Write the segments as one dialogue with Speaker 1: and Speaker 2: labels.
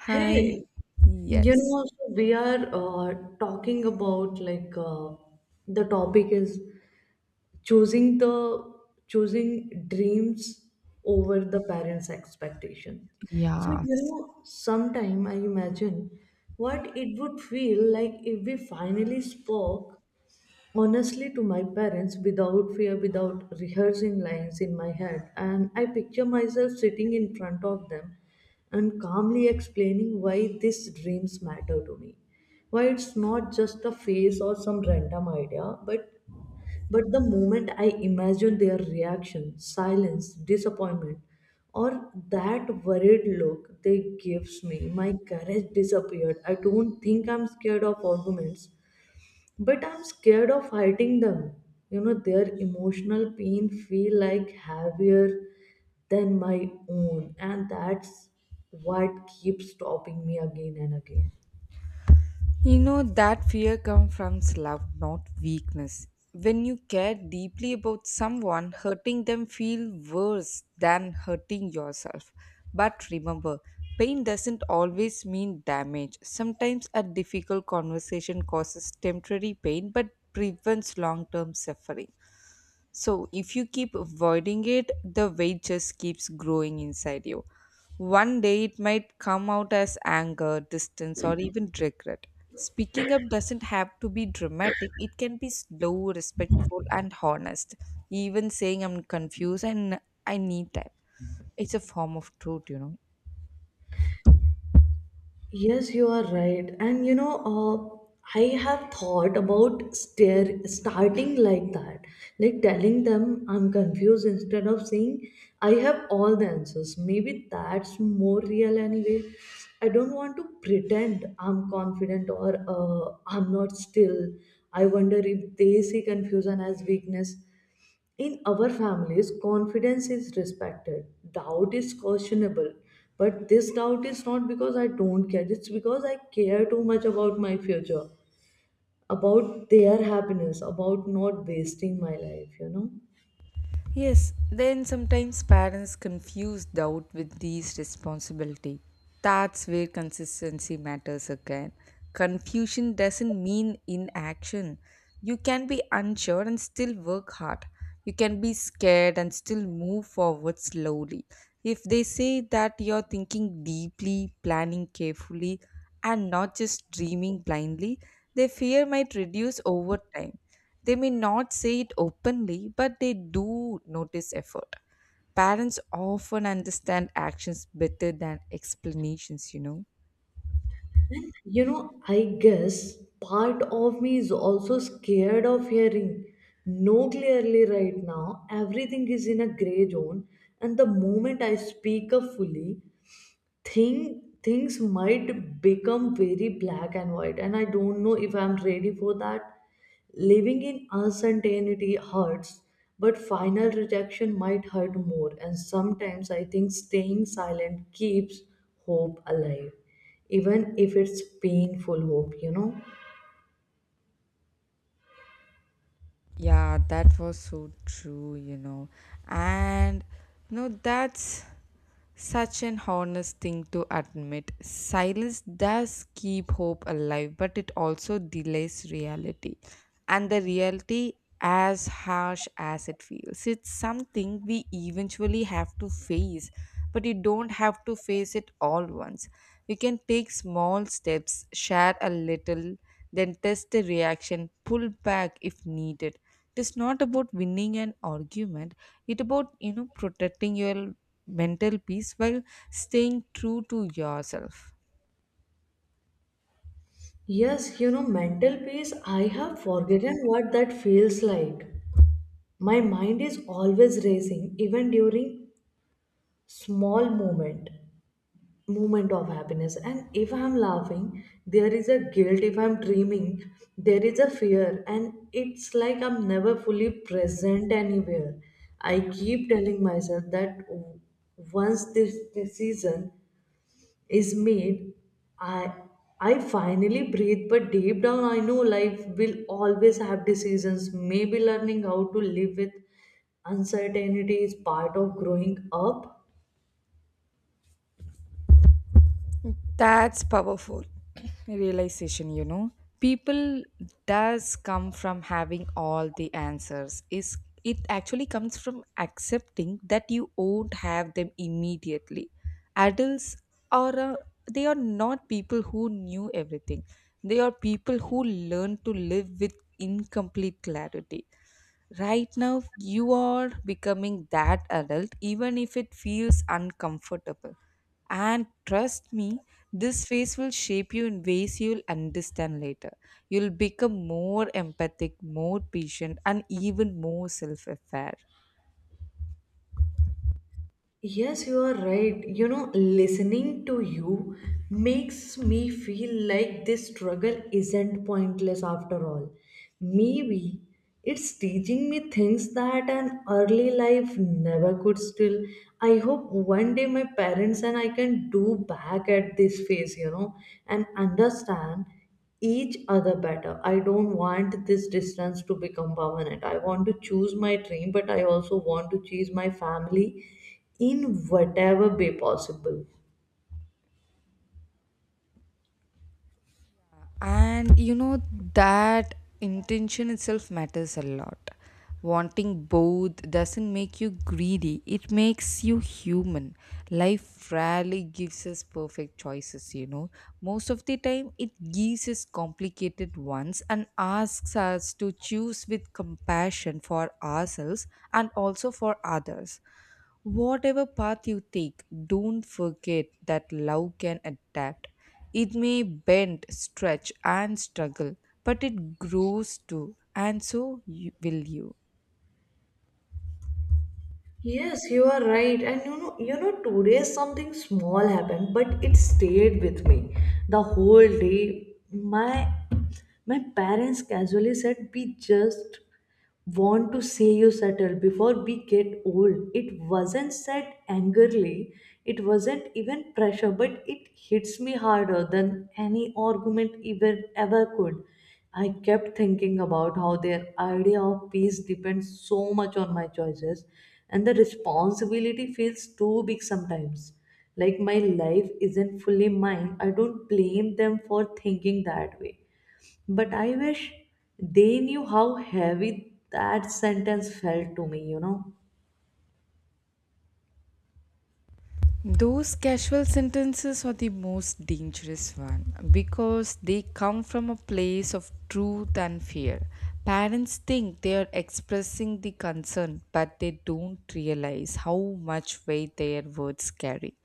Speaker 1: Hi.
Speaker 2: Hey, you
Speaker 1: Yes.
Speaker 2: know, so we are talking about like the topic is choosing the choosing dreams over the parents' expectation. So, you
Speaker 1: Yes.
Speaker 2: know, sometime I imagine what it would feel like if we finally spoke honestly to my parents without fear, without rehearsing lines in my head, and I picture myself sitting in front of them and calmly explaining why these dreams matter to me, why it's not just a phase or some random idea, but the moment I imagine their reaction, silence, disappointment, or that worried look they gives me, my courage disappeared. I don't think I'm scared of arguments, but I'm scared of hiding them, you know. Their emotional pain feel like heavier than my own, and that's what keeps stopping me again and again.
Speaker 1: You know that fear comes from love, not weakness. When you care deeply about someone, hurting them feel worse than hurting yourself. But remember, pain doesn't always mean damage. Sometimes a difficult conversation causes temporary pain but prevents long-term suffering. So, if you keep avoiding it, the weight just keeps growing inside you. One day it might come out as anger, distance, or even regret. Speaking up doesn't have to be dramatic, it can be slow, respectful, and honest. Even saying I'm confused and I need time. It's a form of truth, you know.
Speaker 2: Yes, you are right. And you know, I have thought about stare starting like that, like telling them I'm confused instead of saying I have all the answers. Maybe that's more real anyway. I don't want to pretend I'm confident or I'm not still. I wonder if they see confusion as weakness. In our families, confidence is respected. Doubt is questionable. But this doubt is not because I don't care, it's because I care too much about my future, about their happiness, about not wasting my life, you know.
Speaker 1: Yes, then sometimes parents confuse doubt with these responsibility. That's where consistency matters again. Confusion doesn't mean inaction. You can be unsure and still work hard. You can be scared and still move forward slowly. If they say that you're thinking deeply, planning carefully, and not just dreaming blindly, their fear might reduce over time. They may not say it openly, but they do notice effort. Parents often understand actions better than explanations, you know.
Speaker 2: You know, I guess part of me is also scared of hearing no clearly right now. Everything is in a gray zone, and the moment I speak up fully, things might become very black and white, and I don't know if I'm ready for that. Living in uncertainty hurts, but final rejection might hurt more, and sometimes I think staying silent keeps hope alive, even if it's painful hope, you know.
Speaker 1: Yeah, that was so true, you know. And you know that's such an honest thing to admit. Silence does keep hope alive, but it also delays reality. And the reality, as harsh as it feels, it's something we eventually have to face, but you don't have to face it all once. You can take small steps, share a little, then test the reaction, pull back if needed. It is not about winning an argument, it's about, you know, protecting your mental peace while staying true to yourself.
Speaker 2: Yes, you know, mental peace, I have forgotten what that feels like. My mind is always racing even during small moment moment of happiness, and if I'm laughing there is a guilt, if I'm dreaming there is a fear, and it's like I'm never fully present anywhere. I keep telling myself that once this decision is made, i I finally breathe, but deep down I know life will always have decisions. Maybe learning how to live with uncertainty is part of growing up.
Speaker 1: That's powerful realization, you know. People does come from having all the answers. Is it actually comes from accepting that you won't have them immediately. Adults are they are not people who knew everything. They are people who learn to live with incomplete clarity. Right now, you are becoming that adult, even if it feels uncomfortable and trust me, this phase will shape you in ways you'll understand later. You'll become more empathic, more patient, and even more self aware.
Speaker 2: Yes, you are right. You know, listening to you makes me feel like this struggle isn't pointless after all. Maybe it's teaching me things that an early life never could still. I hope one day my parents and I can do back at this phase, you know, and understand each other better. I don't want this distance to become permanent. I want to choose my dream, but I also want to choose my family in whatever way possible.
Speaker 1: And you know that intention itself matters a lot. Wanting both doesn't make you greedy, it makes you human. Life rarely gives us perfect choices, you know. Most of the time it gives us complicated ones and asks us to choose with compassion for ourselves and also for others. Whatever path you take, don't forget that love can adapt. It may bend, stretch, and struggle, but it grows too, and so you, will you.
Speaker 2: Yes, you are right. And you know, today something small happened, but it stayed with me the whole day. My parents casually said, "We just want to say you settle before we get old." It wasn't said angrily, it wasn't even pressure, but it hits me harder than any argument even ever could. I kept thinking about how their idea of peace depends so much on my choices, and the responsibility feels too big sometimes. Like my life isn't fully mine. I don't blame them for thinking that way. But I wish they knew how heavy that sentence felt to me, you know.
Speaker 1: Those casual sentences are the most dangerous one because they come from a place of truth and fear. Parents think they are expressing the concern, but they don't realize how much weight their words carry.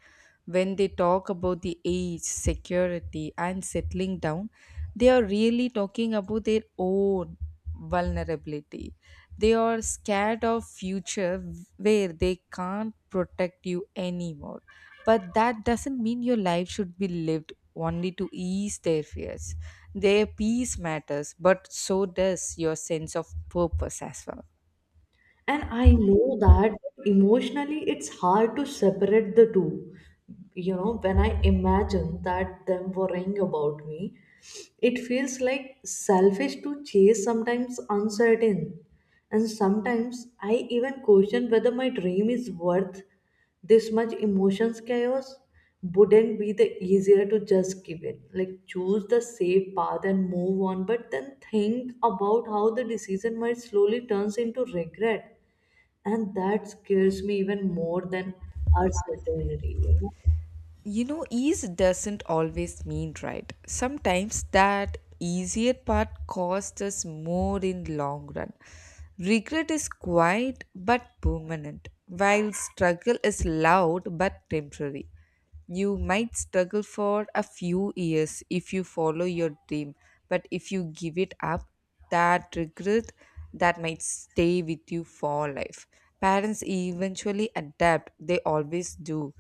Speaker 1: When they talk about the age, security, and settling down, they are really talking about their own vulnerability. They are scared of future where they can't protect you anymore. But that doesn't mean your life should be lived only to ease their fears. Their peace matters, but so does your sense of purpose as well.
Speaker 2: And I know that emotionally it's hard to separate the two. You know, when I imagine that them worrying about me, it feels like selfish to chase sometimes uncertain. And sometimes I even question whether my dream is worth this much emotions chaos. Wouldn't be the easier to just give in, like choose the safe path and move on? But then think about how the decision might slowly turns into regret, and that scares me even more than uncertainty.
Speaker 1: You know, ease doesn't always mean right. Sometimes that easier part costs us more in long run. Regret is quiet but permanent, while struggle is loud but temporary. You might struggle for a few years if you follow your dream, but if you give it up, that regret that might stay with you for life. Parents eventually adapt, they always do.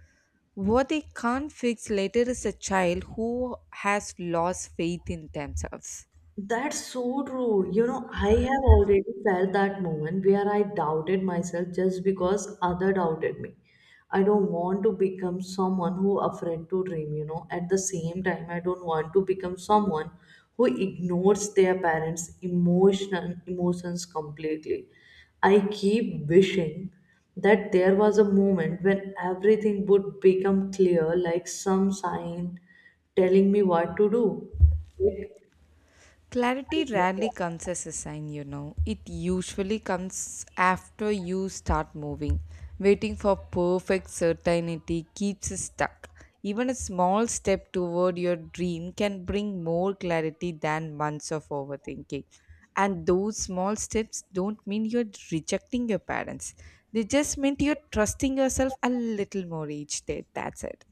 Speaker 1: What they can't fix later is a child who has lost faith in themselves.
Speaker 2: That's so true. You know, I have already felt that moment where I doubted myself just because other doubted me. I don't want to become someone who afraid to dream, you know. At the same time, I don't want to become someone who ignores their parents' emotion emotions completely. I keep wishing that there was a moment when everything would become clear, like some sign telling me what to do.
Speaker 1: Clarity rarely
Speaker 2: Like,
Speaker 1: comes as a sign, you know. It usually comes after you start moving. Waiting for perfect certainty keeps us stuck. Even a small step toward your dream can bring more clarity than months of overthinking. And those small steps don't mean you're rejecting your parents, they just mean you're trusting yourself a little more each day. That's it.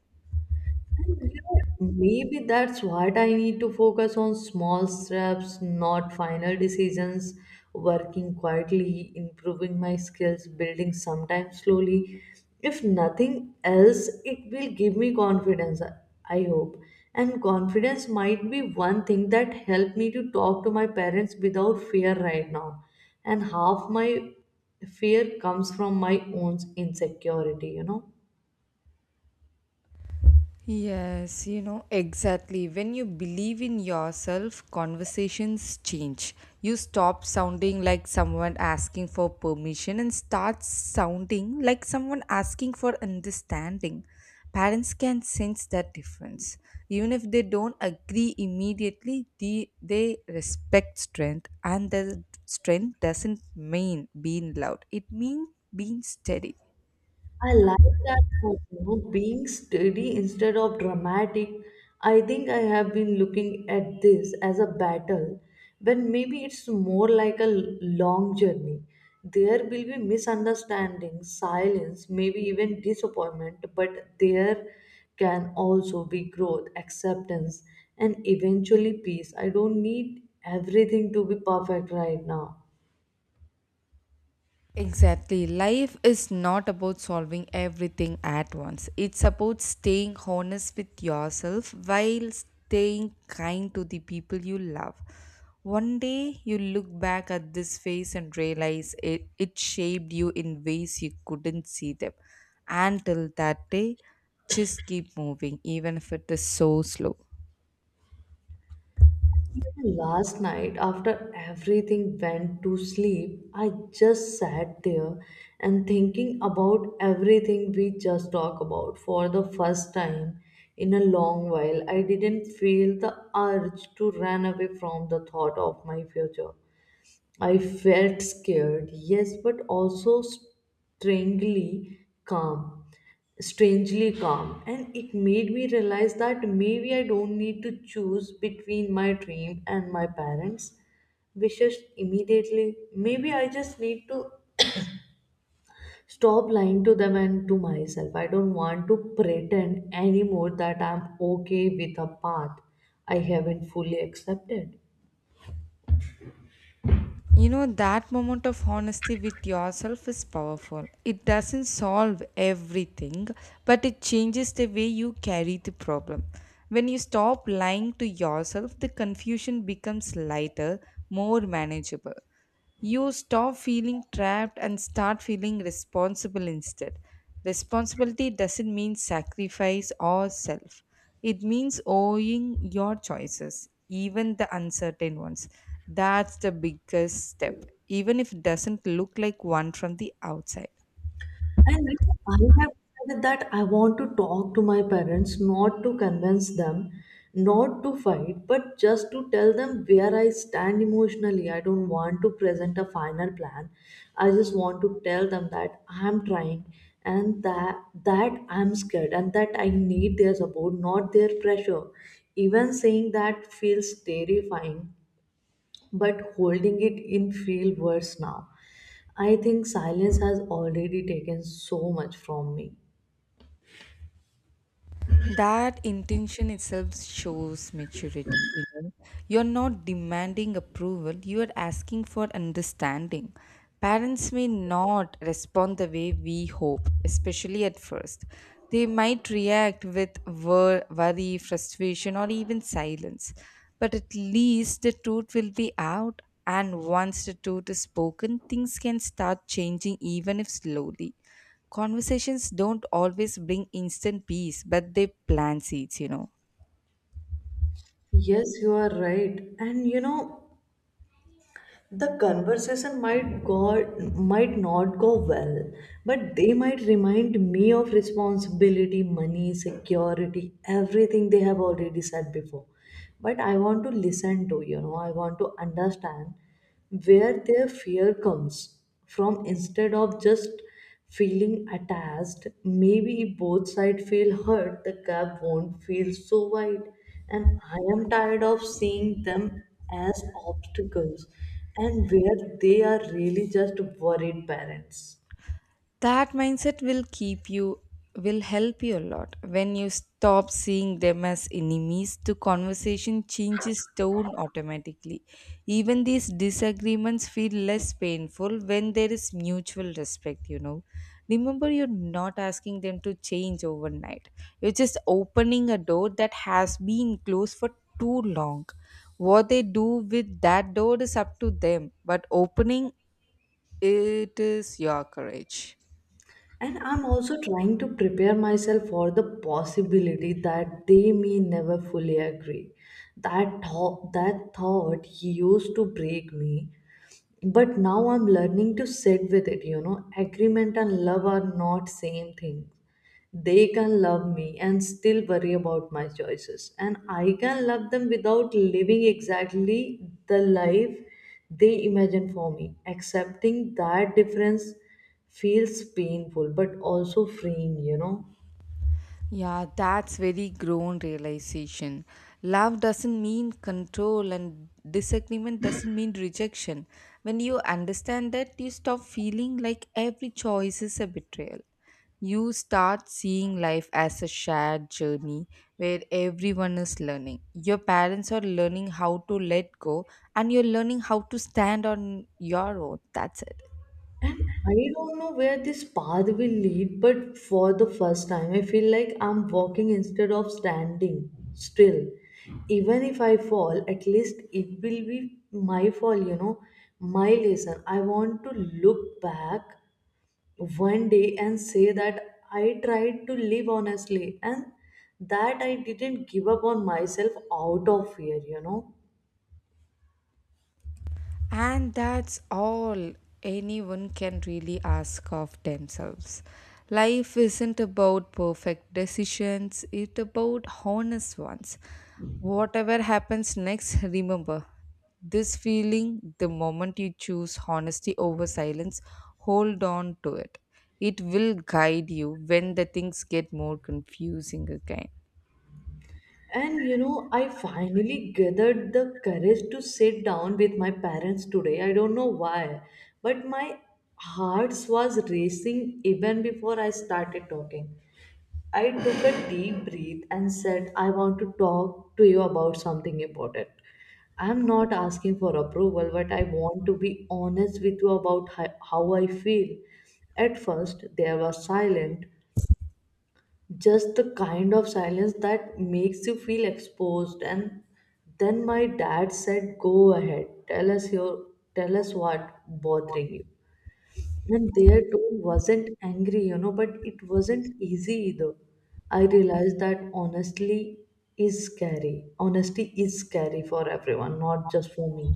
Speaker 2: and, you know, maybe that's what I need to focus on: small steps, not final decisions, working quietly, improving my skills, building sometimes slowly. If nothing else, it will give me confidence, I hope. And confidence might be one thing that helped me to talk to my parents without fear right now. And half my fear comes from my own insecurity, you know.
Speaker 1: Yes, you know, exactly. When you believe in yourself, conversations change. You stop sounding like someone asking for permission and start sounding like someone asking for understanding. Parents can sense that difference. Even if they don't agree immediately, they respect strength, and the strength doesn't mean being loud, it means being steady.
Speaker 2: I like that thought, you know, being steady instead of dramatic. I think I have been looking at this as a battle, when maybe it's more like a long journey. There will be misunderstandings, silence, maybe even disappointment, but there can also be growth, acceptance, and eventually peace. I don't need everything to be perfect right now.
Speaker 1: Exactly. Life is not about solving everything at once. It's about staying honest with yourself while staying kind to the people you love. One day you look back at this phase and realize it, it shaped you in ways you couldn't see them. Until that day, just keep moving, even if it is so slow.
Speaker 2: Even last night, after everything went to sleep, I just sat there and thinking about everything we just talked about. For the first time in a long while, I didn't feel the urge to run away from the thought of my future. I felt scared, yes, but also strangely calm, strangely calm. And it made me realize that maybe I don't need to choose between my dream and my parents' wishes immediately. Maybe I just need to stop lying to them and to myself. I don't want to pretend anymore that I'm okay with a path I haven't fully accepted.
Speaker 1: You know, that moment of honesty with yourself is powerful. It doesn't solve everything, but it changes the way you carry the problem. When you stop lying to yourself, the confusion becomes lighter, more manageable. You stop feeling trapped and start feeling responsible instead. Responsibility doesn't mean sacrifice or self. It means owning your choices, even the uncertain ones. That's the biggest step, even if it doesn't look like one from the outside.
Speaker 2: And you know, I have decided that I want to talk to my parents, not to convince them, not to fight, but just to tell them where I stand emotionally. I don't want to present a final plan. I just want to tell them that I'm trying, and that I'm scared, and that I need their support, not their pressure. Even saying that feels terrifying, but holding it in feel worse now. I think silence has already taken so much from me.
Speaker 1: That intention itself shows maturity, you know. You're not demanding approval, you are asking for understanding. Parents may not respond the way we hope, especially at first. They might react with worry, frustration, or even silence, but at least the truth will be out, and once the truth is spoken things can start changing, even if slowly. Conversations don't always bring instant peace, but they plant seeds, you know.
Speaker 2: Yes, you are right. And you know, the conversation might not go well, but they might remind me of responsibility, money, security, everything they have already said before. But I want to listen to, you know, I want to understand where their fear comes from instead of just feeling attached. Maybe both sides feel hurt, the gap won't feel so wide. And I am tired of seeing them as obstacles, and where they are really just worried parents.
Speaker 1: That mindset will keep you, will help you a lot. When you stop seeing them as enemies, the conversation changes tone automatically. Even these disagreements feel less painful when there is mutual respect, you know. Remember, you're not asking them to change overnight, you're just opening a door that has been closed for too long. What they do with that door is up to them, but opening it is your courage.
Speaker 2: And I'm also trying to prepare myself for the possibility that they may never fully agree. That thought used to break me, but now I'm learning to sit with it, you know. Agreement and love are not same thing. They can love me and still worry about my choices, and I can love them without living exactly the life they imagine for me. Accepting that difference feels painful but also freeing, you know.
Speaker 1: Yeah, that's very grown realization. Love doesn't mean control and disagreement doesn't mean rejection. When you understand that, you stop feeling like every choice is a betrayal. You start seeing life as a shared journey where everyone is learning. Your parents are learning how to let go and you're learning how to stand on your own. That's it.
Speaker 2: And I don't know where this path will lead, but for the first time, I feel like I'm walking instead of standing still. Even if I fall, at least it will be my fall, you know, my lesson. I want to look back one day and say that I tried to live honestly and that I didn't give up on myself out of fear, you know.
Speaker 1: And that's all anyone can really ask of themselves. Life isn't about perfect decisions, it's about honest ones. Whatever happens next, remember this feeling the moment you choose honesty over silence, hold on to it. It will guide you when the things get more confusing again.
Speaker 2: And you know, I finally gathered the courage to sit down with my parents today. I don't know why, but my heart was racing even before I started talking. I took a deep breath and said, "I want to talk to you about something important. I'm not asking for approval, but I want to be honest with you about how I feel." At first, they were silent, just the kind of silence that makes you feel exposed, and then my dad said, "Go ahead, tell us your tell us what bothering you." And their tone wasn't angry, you know, but it wasn't easy either. I realized that honestly is scary, honesty is scary for everyone, not just for me.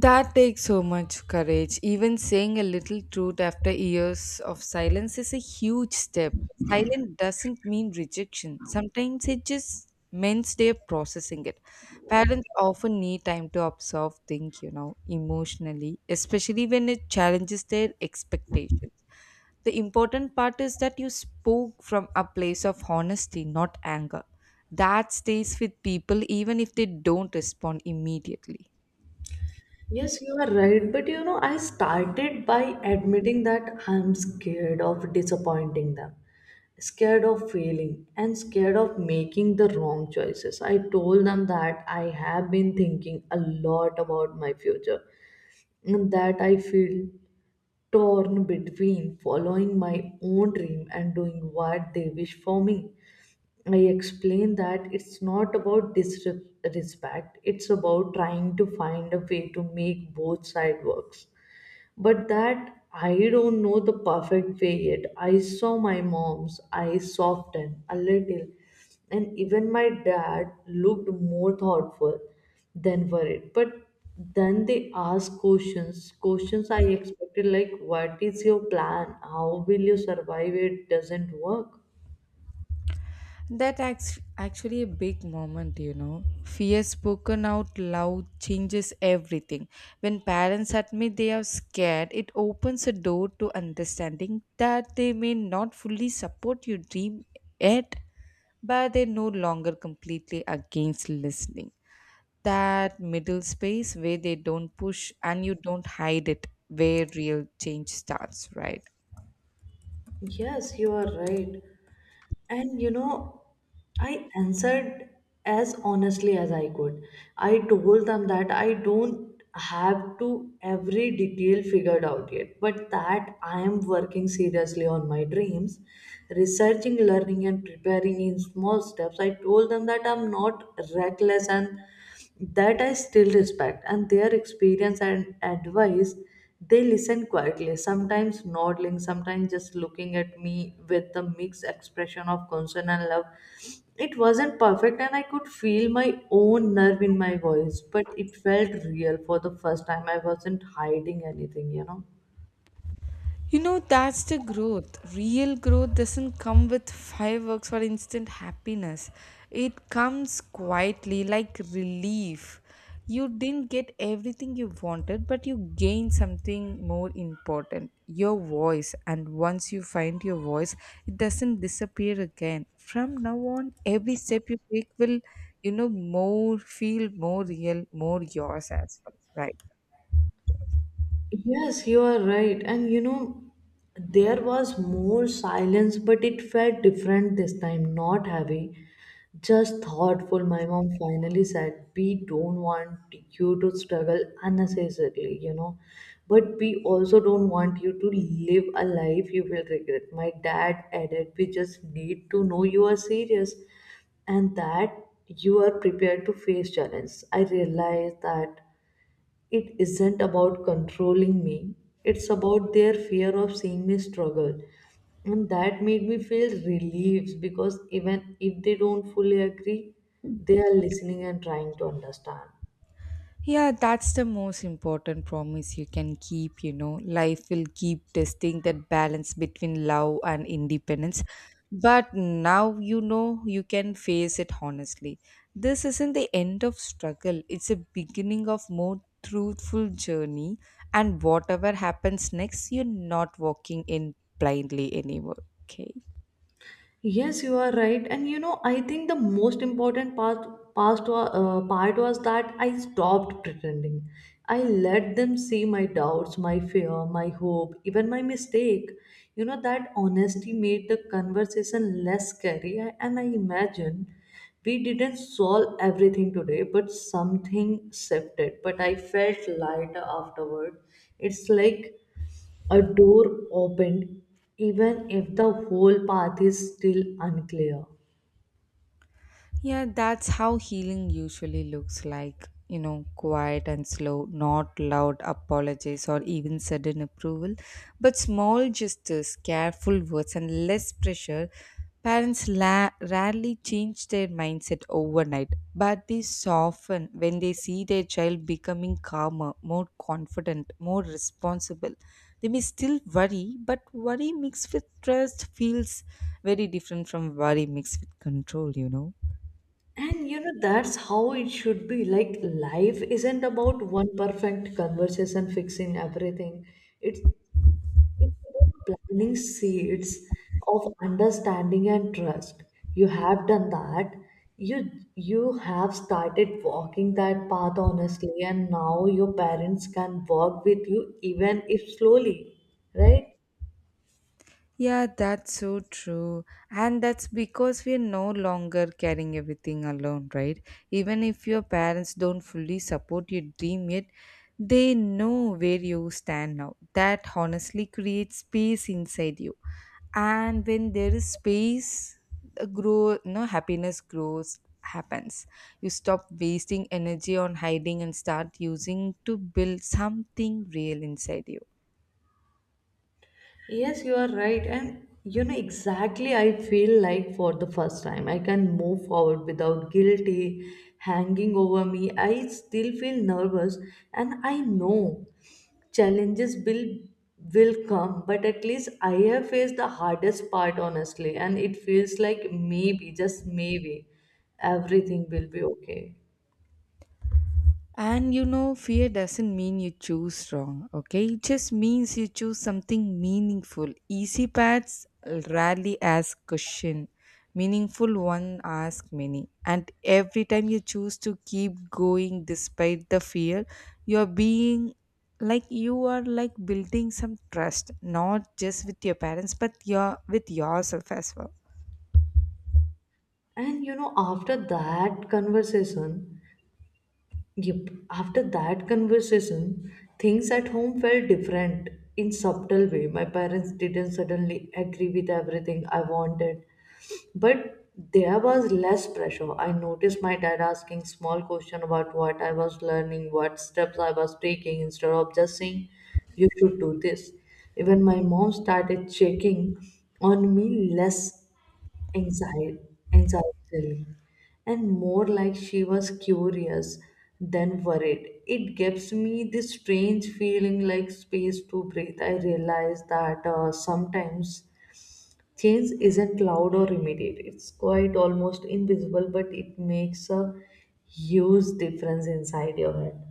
Speaker 1: That takes so much courage. Even saying a little truth after years of silence is a huge step. Silence doesn't mean rejection, sometimes it just means they're processing it. Parents often need time to absorb things, you know, emotionally, especially when it challenges their expectations. The important part is that you spoke from a place of honesty, not anger. That stays with people even if they don't respond immediately.
Speaker 2: Yes, you are right. But you know, I started by admitting that I'm scared of disappointing them, scared of failing, and scared of making the wrong choices. I told them that I have been thinking a lot about my future, and that I feel torn between following my own dream and doing what they wish for me. I explained that it's not about disrespect, it's about trying to find a way to make both sides works. But that I don't know the perfect way yet. I saw my mom's eyes soften a little, and even my dad looked more thoughtful than worried. But then they asked questions, questions I expected, like, "What is your plan? How will you survive it? Doesn't work."
Speaker 1: That acts actually a big moment, you know. Fear spoken out loud changes everything. When parents admit they are scared, it opens a door to understanding that they may not fully support your dream yet, but they're no longer completely against listening. That middle space where they don't push and you don't hide it, where real change starts, right?
Speaker 2: Yes, you are right. And you know, I answered as honestly as I could. I told them that I don't have to every detail figured out yet, but that I am working seriously on my dreams, researching, learning, and preparing in small steps. I told them that I'm not reckless and that I still respect, and their experience and advice they listen quietly, sometimes nodding, sometimes just looking at me with a mixed expression of concern and love. It wasn't perfect, and I could feel my own nerve in my voice, but it felt real for the first time. I wasn't hiding anything.
Speaker 1: You know, that's the growth. Real growth doesn't come with fireworks or instant happiness. It comes quietly, like relief. You didn't get everything you wanted, but you gained something more important your voice. And once you find your voice, it doesn't disappear again. From now on, every step you take will, you know, more feel more real, more yours as well, right?
Speaker 2: Yes, you are right. And you know, there was more silence, but it felt different this time, not heavy, just thoughtful. My mom finally said, "We don't want you to struggle unnecessarily, but we also don't want you to live a life you will regret." My dad added, "We just need to know you are serious and that you are prepared to face challenge." I realized that it isn't about controlling me, it's about their fear of seeing me struggle, and that made me feel relieved because even if they don't fully agree, they are listening and trying to understand.
Speaker 1: Yeah, that's the most important promise you can keep. You know, life will keep testing that balance between love and independence. But now you know you can face it honestly. This isn't the end of struggle, it's a beginning of more truthful journey. And whatever happens next, you're not walking in blindly anymore. Okay.
Speaker 2: Yes, you are right. And you know, I think the most important part was that I stopped pretending. I let them see my doubts, my fear, my hope, even my mistake. You know, that honesty made the conversation less scary. And I imagine we didn't solve everything today, but something shifted. But I felt lighter afterward. It's like a door opened, even if the whole path is still unclear.
Speaker 1: Yeah, that's how healing usually looks like. You know, quiet and slow, not loud apologies or even sudden approval, but small gestures, careful words, and less pressure. Parents rarely change their mindset overnight, but they soften when they see their child becoming calmer, more confident, more responsible. They may still worry, but worry mixed with trust feels very different from worry mixed with control, you know.
Speaker 2: And you know, that's how it should be. Like, life isn't about one perfect conversation fixing everything. It's it's about planning seeds of understanding and trust. You have done that. You have started walking that path honestly, and now your parents can walk with you even if slowly, right?
Speaker 1: Yeah, that's so true. And that's because we're no longer carrying everything alone, right? Even if your parents don't fully support your dream yet, they know where you stand now. That honestly creates space inside you. And when there is space, the grow no happiness grows happens. You stop wasting energy on hiding and start using to build something real inside you.
Speaker 2: Yes, you are right. And you know, exactly, I feel like for the first time I can move forward without guilty hanging over me. I still feel nervous, and I know challenges will come, but at least I have faced the hardest part honestly, and it feels like maybe, just maybe, everything will be okay.
Speaker 1: And you know, fear doesn't mean you choose wrong, okay? It just means you choose something meaningful. Easy paths rarely ask question. Meaningful one ask many. And every time you choose to keep going despite the fear, you're being like you are like building some trust, not just with your parents, but your with yourself as well.
Speaker 2: and you know after that conversation Yep. After that conversation, things at home felt different in subtle way. My parents didn't suddenly agree with everything I wanted, but there was less pressure. I noticed my dad asking small question about what I was learning, what steps I was taking, instead of just saying, "You should do this." Even my mom started checking on me less anxiety, anxiety, and more like she was curious than worried. It gives me this strange feeling like space to breathe. I realize that sometimes change isn't loud or immediate, it's quite almost invisible, but it makes a huge difference inside your head.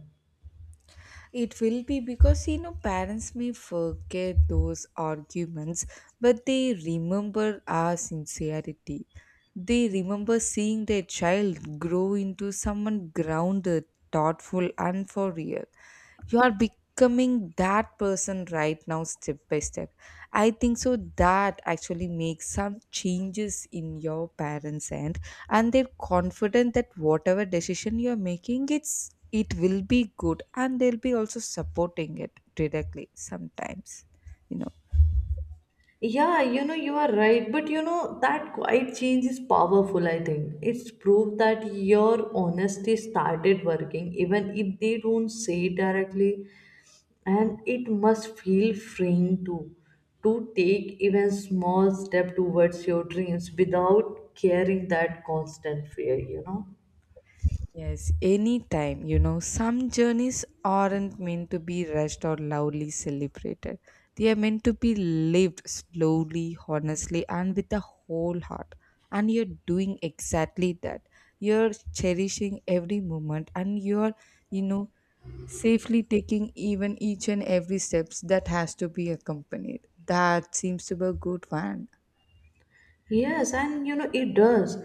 Speaker 1: It will be because you know parents may forget those arguments, but they remember our sincerity. They remember seeing their child grow into someone grounded, thoughtful, and for real you are becoming that person right now, step by step. I think so. That actually makes some changes in your parents end, and they're confident that whatever decision you're making, it's it will be good and they'll be also supporting it directly sometimes, you know.
Speaker 2: Yeah, you know, you are right. But you know, that quiet change is powerful, I think. It's proof that your honesty started working, even if they don't say it directly. And it must feel freeing too, to take even small step towards your dreams without carrying that constant fear.
Speaker 1: Yes, anytime, you know, some journeys aren't meant to be rushed or loudly celebrated. They are meant to be lived slowly, honestly, and with a whole heart. And you're doing exactly that. You're cherishing every moment and you're, you know, safely taking even each and every steps that has to be accompanied. That seems to be a good one.
Speaker 2: Yes, and you know, it does.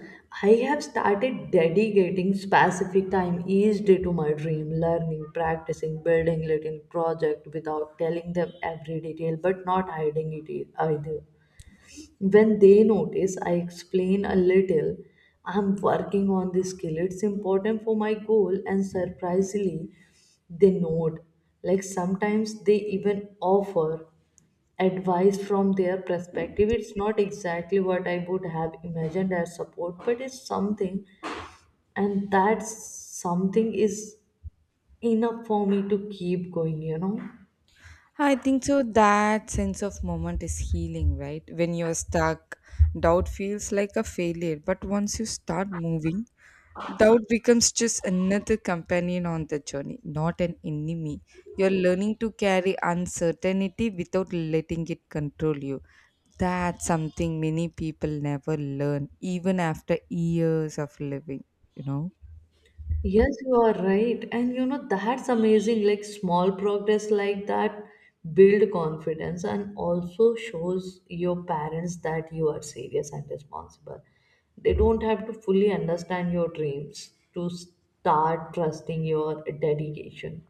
Speaker 2: I have started dedicating specific time each day to my dream, learning, practicing, building little project without telling them every detail, but not hiding it either. When they notice, I explain a little. I'm working on this skill. It's important for my goal, and surprisingly, they note. Like sometimes they even offer advice from their perspective. It's not exactly what I would have imagined as support, but it's something, and that something is enough for me to keep going.
Speaker 1: Huh, I think so. That sense of moment is healing, right? When you're stuck, doubt feels like a failure. But once you start moving, doubt becomes just another companion on the journey, not an enemy. You're learning to carry uncertainty without letting it control you. That's something many people never learn, even after years of living, you know?
Speaker 2: Yes, you are right. And you know, that's amazing. Like small progress like that build confidence and also shows your parents that you are serious and responsible. They don't have to fully understand your dreams to start trusting your dedication.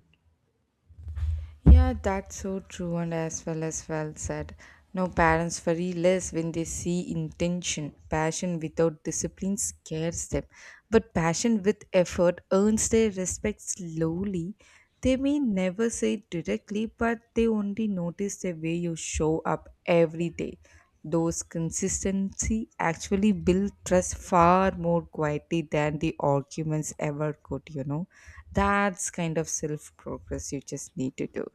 Speaker 1: Yeah, that's so true and as well said. No parents worry less when they see intention. Passion without discipline scares them, but passion with effort earns their respect slowly. They may never say it directly, but they only notice the way you show up every day. Those consistency actually build trust far more quietly than the arguments ever could, you know. That's kind of self progress you just need to do.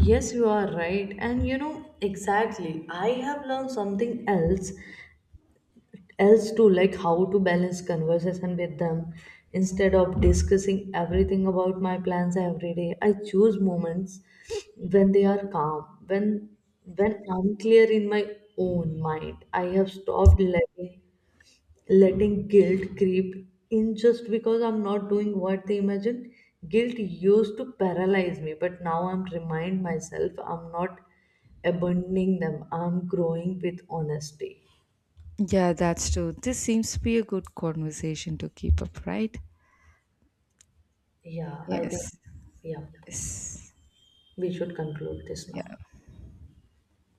Speaker 2: Yes, you are right. And you know, exactly. I have learned something else too, like how to balance conversation with them. Instead of discussing everything about my plans every day, I choose moments when they are calm, when I'm clear in my own mind. I have stopped letting guilt creep in just because I'm not doing what they imagine. Guilt used to paralyze me, but now I'm remind myself I'm not abandoning them. I'm growing with honesty.
Speaker 1: Yeah, that's true. This seems to be a good conversation to keep up, right?
Speaker 2: Yeah, I
Speaker 1: Yes.
Speaker 2: think yeah,
Speaker 1: Yes.
Speaker 2: we should conclude this now.
Speaker 1: Yeah.